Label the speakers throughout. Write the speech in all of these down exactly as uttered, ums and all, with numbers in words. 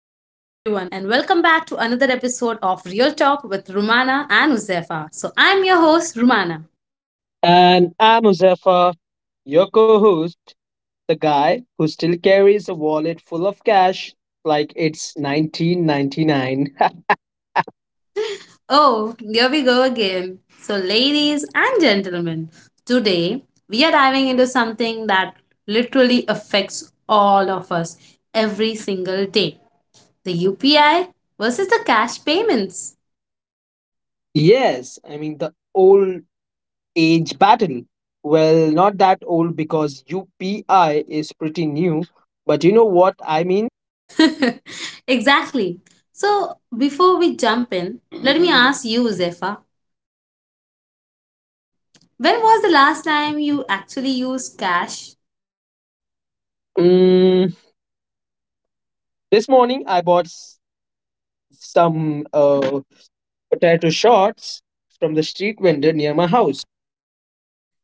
Speaker 1: back to another episode of Real Talk with Rumana and Uzefa. So, I'm your host, Rumana.
Speaker 2: And I'm Muzaffar, your co host, the guy who still carries a wallet full of cash like it's nineteen ninety-nine.
Speaker 1: Oh, here we go again. So, ladies and gentlemen, today we are diving into something that literally affects all of us every single day, the U P I versus the cash payments.
Speaker 2: Yes, I mean, the old age battle. Well, not that old because U P I is pretty new, but you know what I mean?
Speaker 1: Exactly. So, before we jump in, let me ask you, Uzefa, when was the last time you actually used cash?
Speaker 2: Mm, this morning I bought s- some uh, potato shorts from the street vendor near my house.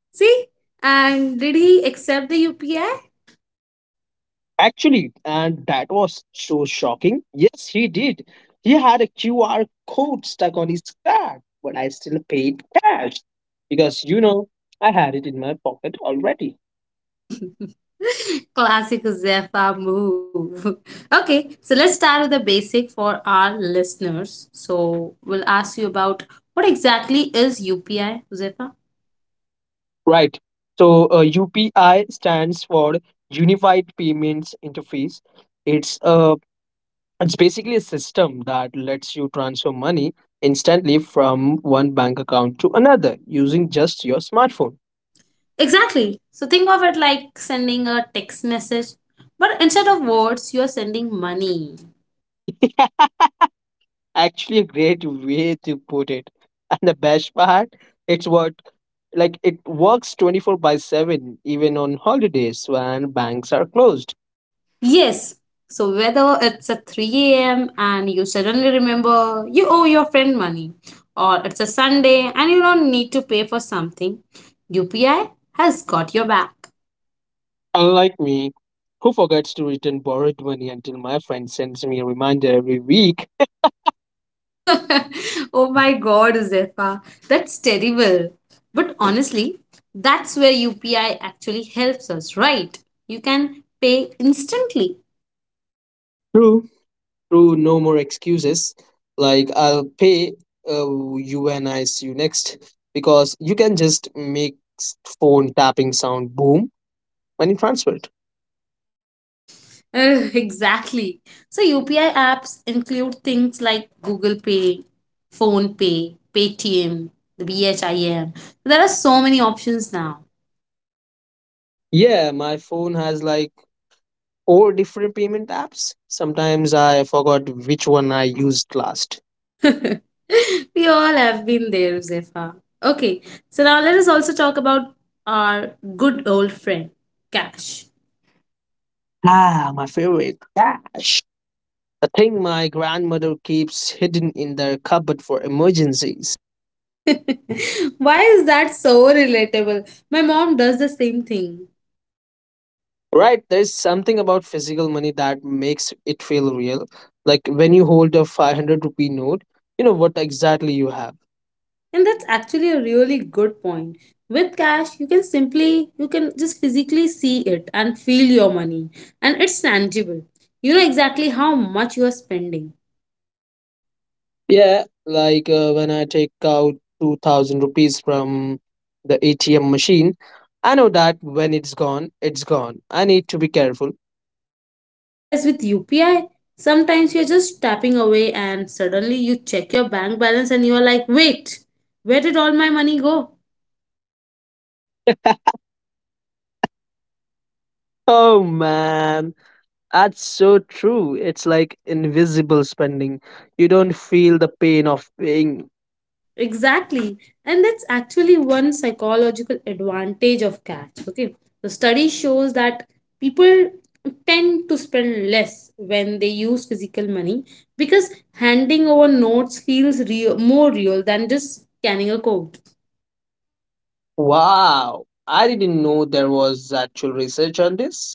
Speaker 1: See? And did he accept the U P I?
Speaker 2: Actually, and that was so shocking. Yes, he did. He had a Q R code stuck on his card, but I still paid cash because, you know, I had it in my pocket already.
Speaker 1: Classic Zephyr move. Okay, so let's start with the basic for our listeners. So we'll ask you about what exactly is U P I, Zephyr?
Speaker 2: Right. So, uh, U P I stands for Unified Payments Interface. It's a it's basically a system that lets you transfer money instantly from one bank account to another using just your smartphone.
Speaker 1: Exactly. So think of it like sending a text message, but instead of words, you're sending money.
Speaker 2: Actually a great way to put it. And the best part, it's what, like it works twenty-four by seven even on holidays when banks are closed.
Speaker 1: Yes. So whether it's at three a m and you suddenly remember you owe your friend money, or it's a Sunday and you don't need to pay for something, U P I has got your back.
Speaker 2: Unlike me, who forgets to return borrowed money until my friend sends me a reminder every week.
Speaker 1: Oh my god, Zefa, that's terrible. But honestly, that's where U P I actually helps us, right? You can pay instantly.
Speaker 2: True, true, no more excuses. Like I'll pay uh, you when I see you next because you can just make s- phone tapping sound, boom, when you transfer it.
Speaker 1: Ugh, exactly. So U P I apps include things like Google Pay, Phone Pay, Paytm, the BHIM. There are so many options now.
Speaker 2: Yeah, my phone has like, or different payment apps. Sometimes I forgot which one I used last.
Speaker 1: We all have been there, Zefa. Okay, so now let us also talk about our good old friend, cash.
Speaker 2: Ah, my favorite, Dash. The thing my grandmother keeps hidden in their cupboard for emergencies.
Speaker 1: Why is that so relatable? My mom does the same thing.
Speaker 2: Right, there's something about physical money that makes it feel real. Like when you hold a five hundred rupee note, you know what exactly you have.
Speaker 1: And that's actually a really good point. With cash, you can simply, you can just physically see it and feel your money, and it's tangible. You know exactly how much you are spending.
Speaker 2: Yeah, like uh, when I take out two thousand rupees from the A T M machine, I know that when it's gone, it's gone. I need to be careful.
Speaker 1: Whereas with U P I, sometimes you're just tapping away and suddenly you check your bank balance and you're like, wait, where did all my money go?
Speaker 2: Oh man, that's so true. It's like invisible spending. You don't feel the pain of paying.
Speaker 1: Exactly. And that's actually one psychological advantage of cats. Okay. The study shows that people tend to spend less when they use physical money, because handing over notes feels real, more real than just scanning a code.
Speaker 2: Wow, I didn't know there was actual research on this.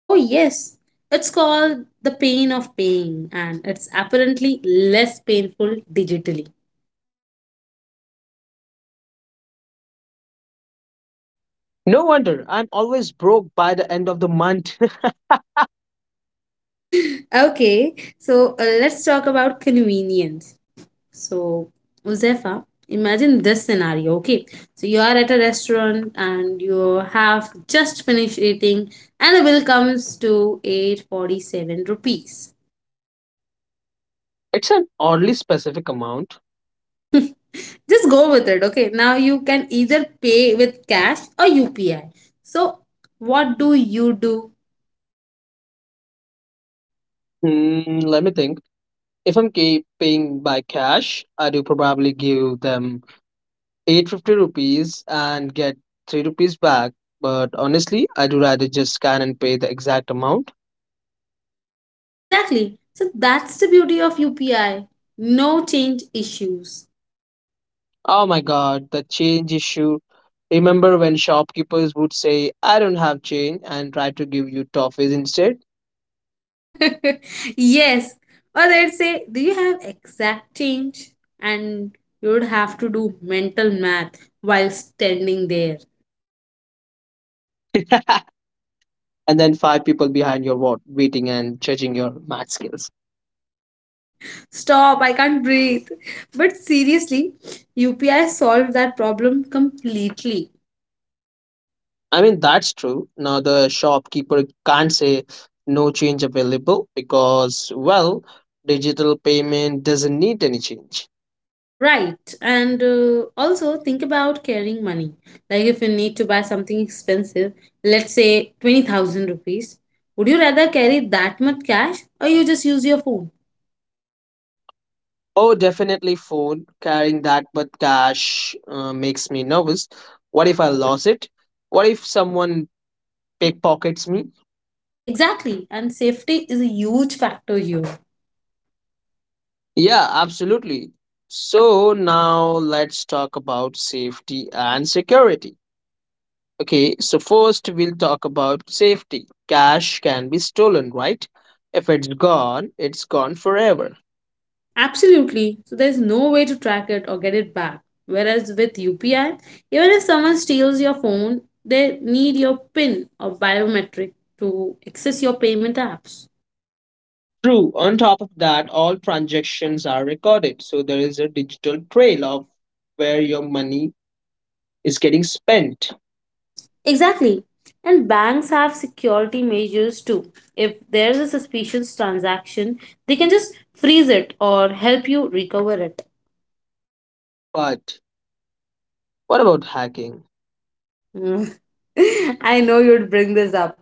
Speaker 1: Oh, yes. It's called the pain of paying, and it's apparently less painful digitally.
Speaker 2: No wonder I'm always broke by the end of the month.
Speaker 1: Okay, so uh, let's talk about convenience. So, Uzefa, imagine this scenario. Okay, so you are at a restaurant and you have just finished eating, and the bill comes to eight forty-seven rupees.
Speaker 2: It's an oddly specific amount.
Speaker 1: Just go with it. Okay, now you can either pay with cash or U P I. So, what do you do?
Speaker 2: Hmm, let me think. If I'm ca- paying by cash, I do probably give them eight hundred fifty rupees and get three rupees back. But honestly, I do rather just scan and pay the exact amount.
Speaker 1: Exactly. So that's the beauty of U P I. No change issues.
Speaker 2: Oh my god, the change issue. Remember when shopkeepers would say, I don't have change, and try to give you toffees instead?
Speaker 1: Yes. Or they'd say, do you have exact change? And you'd have to do mental math while standing there.
Speaker 2: And then five people behind your wall waiting and judging your math skills.
Speaker 1: Stop, I can't breathe. But seriously, U P I solved that problem completely.
Speaker 2: I mean, that's true. Now, the shopkeeper can't say no change available because, well, digital payment doesn't need any change.
Speaker 1: Right. And uh, also think about carrying money. Like if you need to buy something expensive, let's say twenty thousand rupees, would you rather carry that much cash or you just use your phone?
Speaker 2: Oh, definitely phone. Carrying that but cash uh, makes me nervous. What if I lose it? What if someone pickpockets me?
Speaker 1: Exactly, and safety is a huge factor here.
Speaker 2: Yeah, absolutely. So, now let's talk about safety and security. Okay, so first we'll talk about safety. Cash can be stolen, right? If it's gone, it's gone forever.
Speaker 1: Absolutely. So there's no way to track it or get it back. Whereas with U P I, even if someone steals your phone, they need your PIN or biometric to access your payment apps.
Speaker 2: True. On top of that, all transactions are recorded, so there is a digital trail of where your money is getting spent.
Speaker 1: Exactly. And banks have security measures too. If there's a suspicious transaction, they can just freeze it or help you recover it.
Speaker 2: But what about hacking?
Speaker 1: Mm. I know you'd bring this up.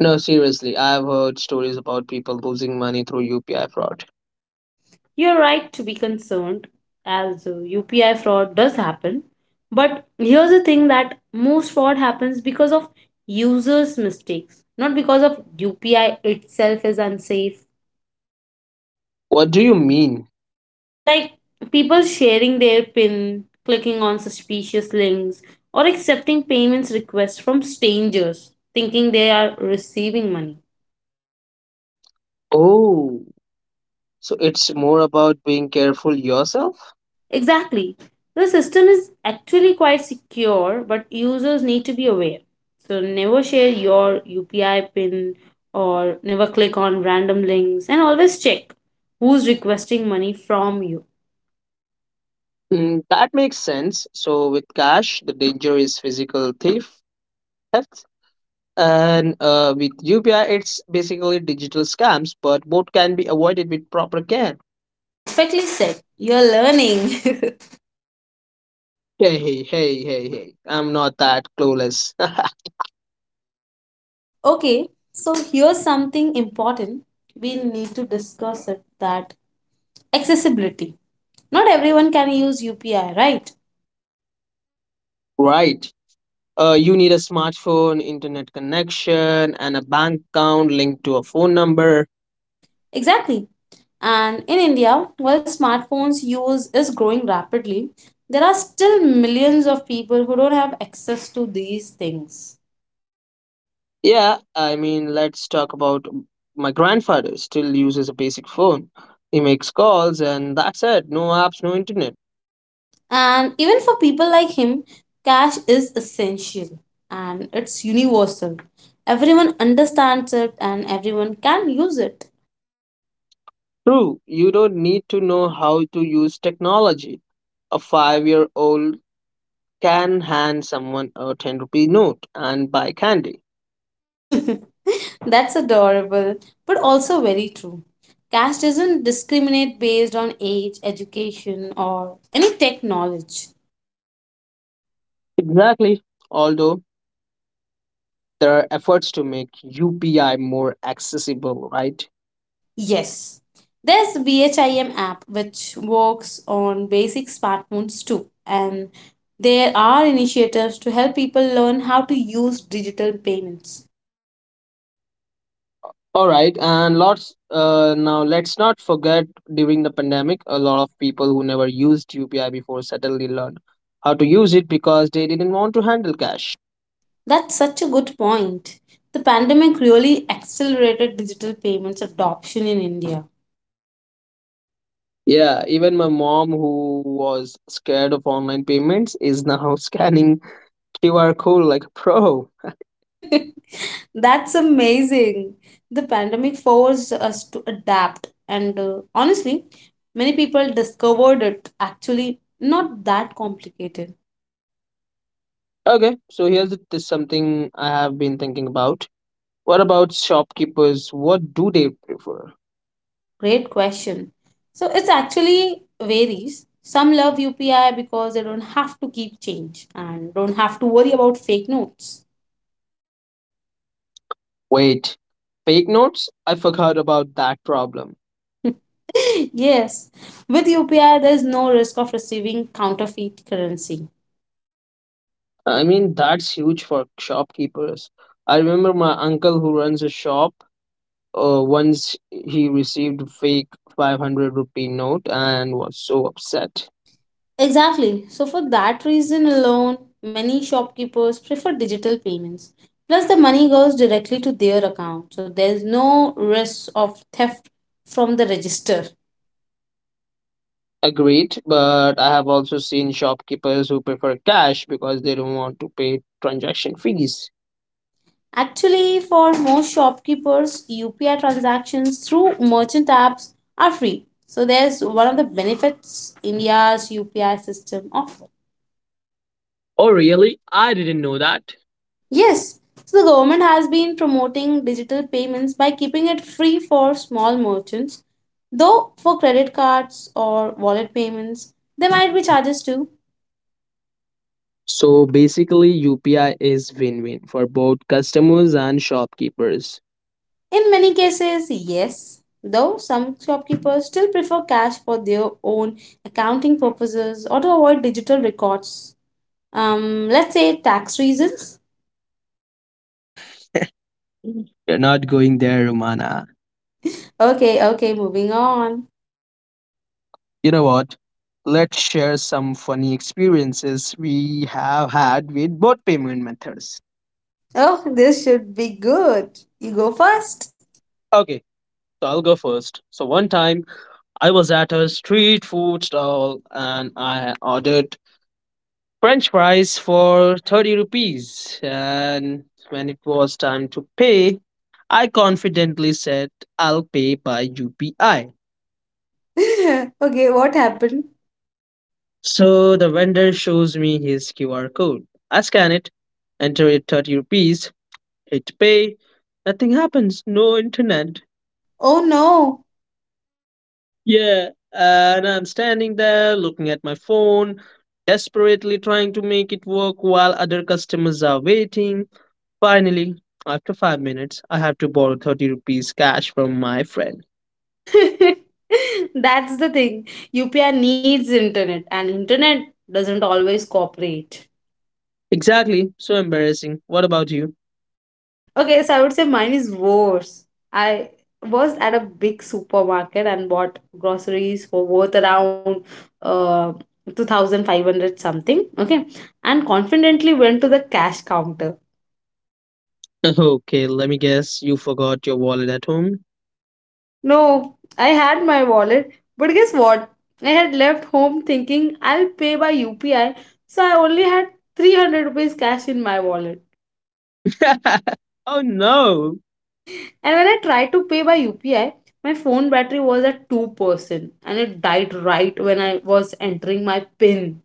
Speaker 2: No, seriously, I've heard stories about people losing money through U P I fraud.
Speaker 1: You're right to be concerned, as uh, U P I fraud does happen. But here's the thing, that most fraud happens because of users' mistakes, not because of U P I itself is unsafe.
Speaker 2: What do you mean?
Speaker 1: Like people sharing their PIN, clicking on suspicious links, or accepting payments requests from strangers, thinking they are receiving money.
Speaker 2: Oh, so it's more about being careful yourself?
Speaker 1: Exactly. The system is actually quite secure, but users need to be aware. So never share your U P I pin, or never click on random links, and always check who's requesting money from you.
Speaker 2: Hmm, that makes sense. So, with cash, the danger is physical thief, theft, and uh, with U P I, it's basically digital scams, but both can be avoided with proper care.
Speaker 1: Perfectly said. You're learning.
Speaker 2: Hey, hey, hey, hey, hey. I'm not that clueless.
Speaker 1: Okay, so here's something important we need to discuss it, that accessibility. Not everyone can use U P I, right?
Speaker 2: Right. Uh, you need a smartphone, internet connection, and a bank account linked to a phone number.
Speaker 1: Exactly. And in India, while smartphones use is growing rapidly, there are still millions of people who don't have access to these things.
Speaker 2: Yeah, I mean, let's talk about my grandfather. Still uses a basic phone. He makes calls, and that's it. No apps, no internet.
Speaker 1: And even for people like him, cash is essential and it's universal. Everyone understands it and everyone can use it.
Speaker 2: True, you don't need to know how to use technology. A five year old can hand someone a ten rupee note and buy candy.
Speaker 1: That's adorable, but also very true. Cash doesn't discriminate based on age, education, or any tech knowledge.
Speaker 2: Exactly. Although there are efforts to make U P I more accessible, right?
Speaker 1: Yes. There's BHIM app which works on basic smartphones too, and there are initiatives to help people learn how to use digital payments.
Speaker 2: All right, and lots. Uh, now let's not forget, during the pandemic, a lot of people who never used U P I before suddenly learned how to use it because they didn't want to handle cash.
Speaker 1: That's such a good point. The pandemic really accelerated digital payments adoption in India.
Speaker 2: Yeah, even my mom, who was scared of online payments, is now scanning Q R code like a pro.
Speaker 1: That's amazing. The pandemic forced us to adapt, and uh, honestly, many people discovered it actually not that complicated.
Speaker 2: Okay, so here's it- is something I have been thinking about. What about shopkeepers? What do they prefer?
Speaker 1: Great question. So it's actually varies. Some love U P I because they don't have to keep change and don't have to worry about fake notes.
Speaker 2: Wait, fake notes? I forgot about that problem.
Speaker 1: Yes, with U P I, there's no risk of receiving counterfeit currency.
Speaker 2: I mean, that's huge for shopkeepers. I remember my uncle who runs a shop. Uh, once he received a fake five hundred rupee note and was so upset.
Speaker 1: Exactly. So, for that reason alone, many shopkeepers prefer digital payments. Plus, the money goes directly to their account, so there's no risk of theft from the register.
Speaker 2: Agreed, but I have also seen shopkeepers who prefer cash because they don't want to pay transaction fees.
Speaker 1: Actually, for most shopkeepers, U P I transactions through merchant apps are free. So there's one of the benefits India's U P I system offers.
Speaker 2: Oh, really? I didn't know that.
Speaker 1: Yes, so the government has been promoting digital payments by keeping it free for small merchants, though for credit cards or wallet payments, there might be charges too.
Speaker 2: So basically, U P I is win win for both customers and shopkeepers.
Speaker 1: In many cases, yes, though some shopkeepers still prefer cash for their own accounting purposes or to avoid digital records. Um, let's say tax reasons.
Speaker 2: You're not going there, Romana.
Speaker 1: Okay, okay, moving on.
Speaker 2: You know what? Let's share some funny experiences we have had with both payment methods.
Speaker 1: Oh, this should be good. You go first.
Speaker 2: Okay, so I'll go first. So one time I was at a street food stall and I ordered French fries for thirty rupees. And when it was time to pay, I confidently said, I'll pay by U P I.
Speaker 1: Okay, what happened?
Speaker 2: So the vendor shows me his Q R code. I scan it, enter it thirty rupees, hit pay. Nothing happens, no internet.
Speaker 1: Oh no.
Speaker 2: Yeah, and I'm standing there looking at my phone, desperately trying to make it work while other customers are waiting. Finally, after five minutes, I have to borrow thirty rupees cash from my friend.
Speaker 1: That's the thing. U P I needs internet, and internet doesn't always cooperate.
Speaker 2: Exactly, so embarrassing. What about you?
Speaker 1: Okay, so I would say mine is worse. I was at a big supermarket and bought groceries for worth around uh, two thousand five hundred something. Okay, and confidently went to the cash counter.
Speaker 2: Okay, let me guess. You forgot your wallet at home?
Speaker 1: No, I had my wallet, but guess what? I had left home thinking I'll pay by U P I, so I only had three hundred rupees cash in my wallet.
Speaker 2: Oh no,
Speaker 1: And when I tried to pay by U P I, my phone battery was at two percent and it died right when I was entering my PIN.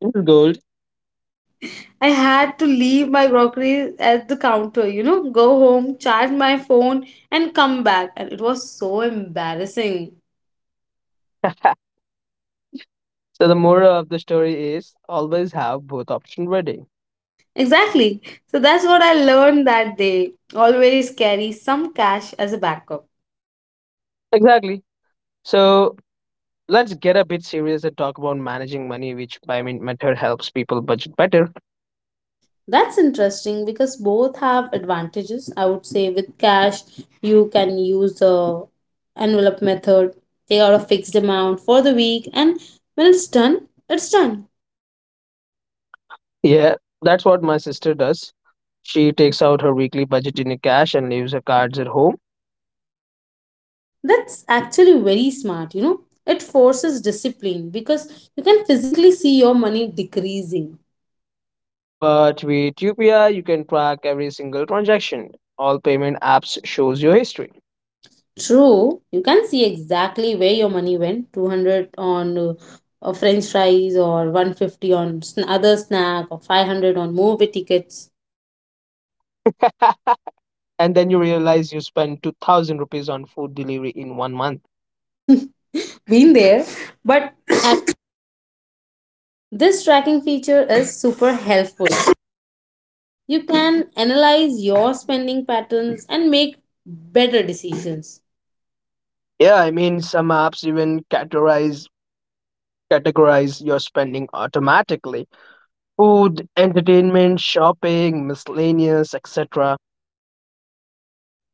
Speaker 2: it's gold.
Speaker 1: I had to leave my groceries at the counter, you know, go home, charge my phone, and come back. And it was so embarrassing.
Speaker 2: So the moral of the story is always have both options ready.
Speaker 1: Exactly. So that's what I learned that day. Always carry some cash as a backup.
Speaker 2: Exactly. So let's get a bit serious and talk about managing money, which by min- method helps people budget better.
Speaker 1: That's interesting because both have advantages. I would say with cash, you can use the envelope method, take out a fixed amount for the week, and when it's done, it's done.
Speaker 2: Yeah, that's what my sister does. She takes out her weekly budget in cash and leaves her cards at home.
Speaker 1: That's actually very smart, you know. It forces discipline because you can physically see your money decreasing.
Speaker 2: But with U P I, you can track every single transaction. All payment apps shows your history.
Speaker 1: True, you can see exactly where your money went, two hundred on uh, uh, french fries, or one hundred fifty on sn- other snack, or five hundred on movie tickets.
Speaker 2: And then you realize you spent two thousand rupees on food delivery in one month.
Speaker 1: Been there. But at- this tracking feature is super helpful. You can analyze your spending patterns and make better decisions.
Speaker 2: Yeah, I mean, some apps even categorize categorize your spending automatically. Food, entertainment, shopping, miscellaneous, et cetera.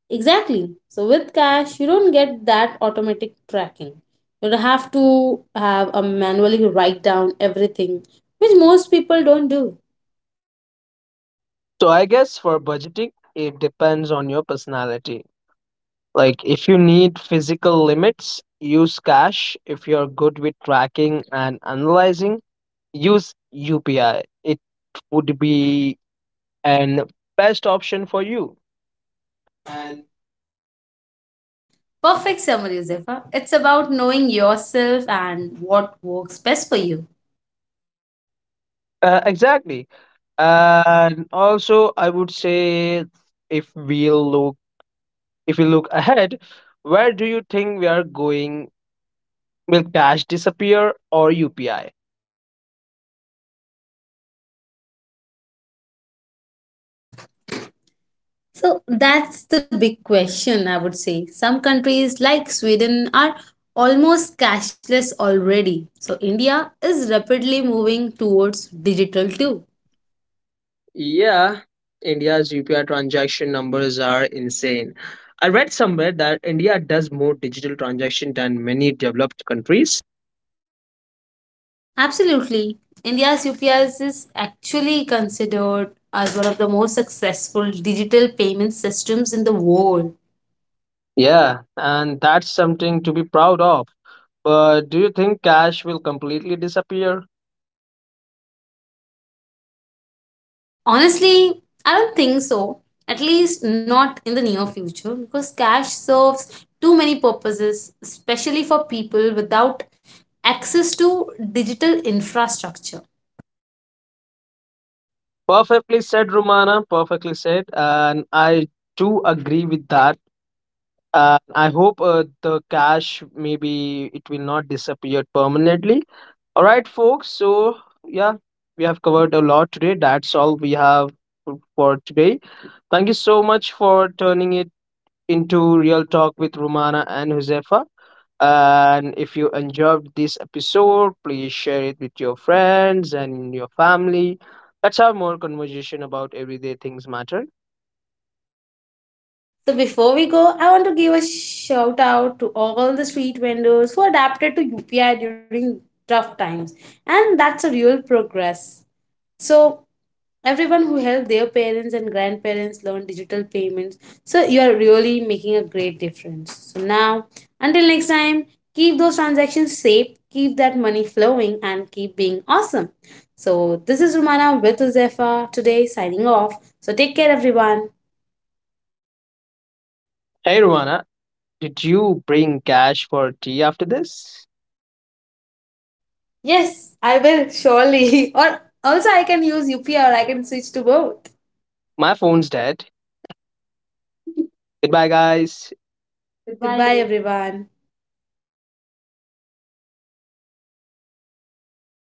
Speaker 1: Exactly. So with cash, you don't get that automatic tracking. You don't have to have a manually write down everything, which most people don't do.
Speaker 2: So I guess for budgeting, it depends on your personality. Like if you need physical limits, use cash. If you're good with tracking and analyzing, use U P I. It would be an best option for you.
Speaker 1: Perfect summary, Zefa. It's about knowing yourself and what works best for you.
Speaker 2: Uh, exactly. And also, I would say, if we look if we look ahead, where do you think we are going? Will cash disappear or U P I?
Speaker 1: So that's the big question, I would say. Some countries like Sweden are almost cashless already. So India is rapidly moving towards digital too.
Speaker 2: Yeah, India's U P I transaction numbers are insane. I read somewhere that India does more digital transaction than many developed countries.
Speaker 1: Absolutely. India's U P I is actually considered as one of the most successful digital payment systems in the world.
Speaker 2: Yeah, and that's something to be proud of. But do you think cash will completely disappear?
Speaker 1: Honestly, I don't think so. At least not in the near future because cash serves too many purposes, especially for people without access to digital infrastructure.
Speaker 2: Perfectly said, Romana. Perfectly said. And I do agree with that. And I hope uh, the cash, maybe it will not disappear permanently. All right, folks. So, yeah, we have covered a lot today. That's all we have f- for today. Thank you so much for turning it into Real Talk with Romana and Josefa. And if you enjoyed this episode, please share it with your friends and your family. Let's have more conversation about everyday things matter.
Speaker 1: So, before we go, I want to give a shout out to all the street vendors who adapted to U P I during tough times, and that's a real progress. So everyone who helped their parents and grandparents learn digital payments. So you are really making a great difference. So now, until next time, keep those transactions safe, keep that money flowing, and keep being awesome. So this is Romana with Uzefa today signing off. So take care, everyone.
Speaker 2: Hey, Romana, did you bring cash for tea after this?
Speaker 1: Yes, I will surely. Or also, I can use U P I or I can switch to both.
Speaker 2: My phone's dead. Goodbye, guys. Goodbye,
Speaker 1: Goodbye,
Speaker 2: everyone.
Speaker 1: everyone.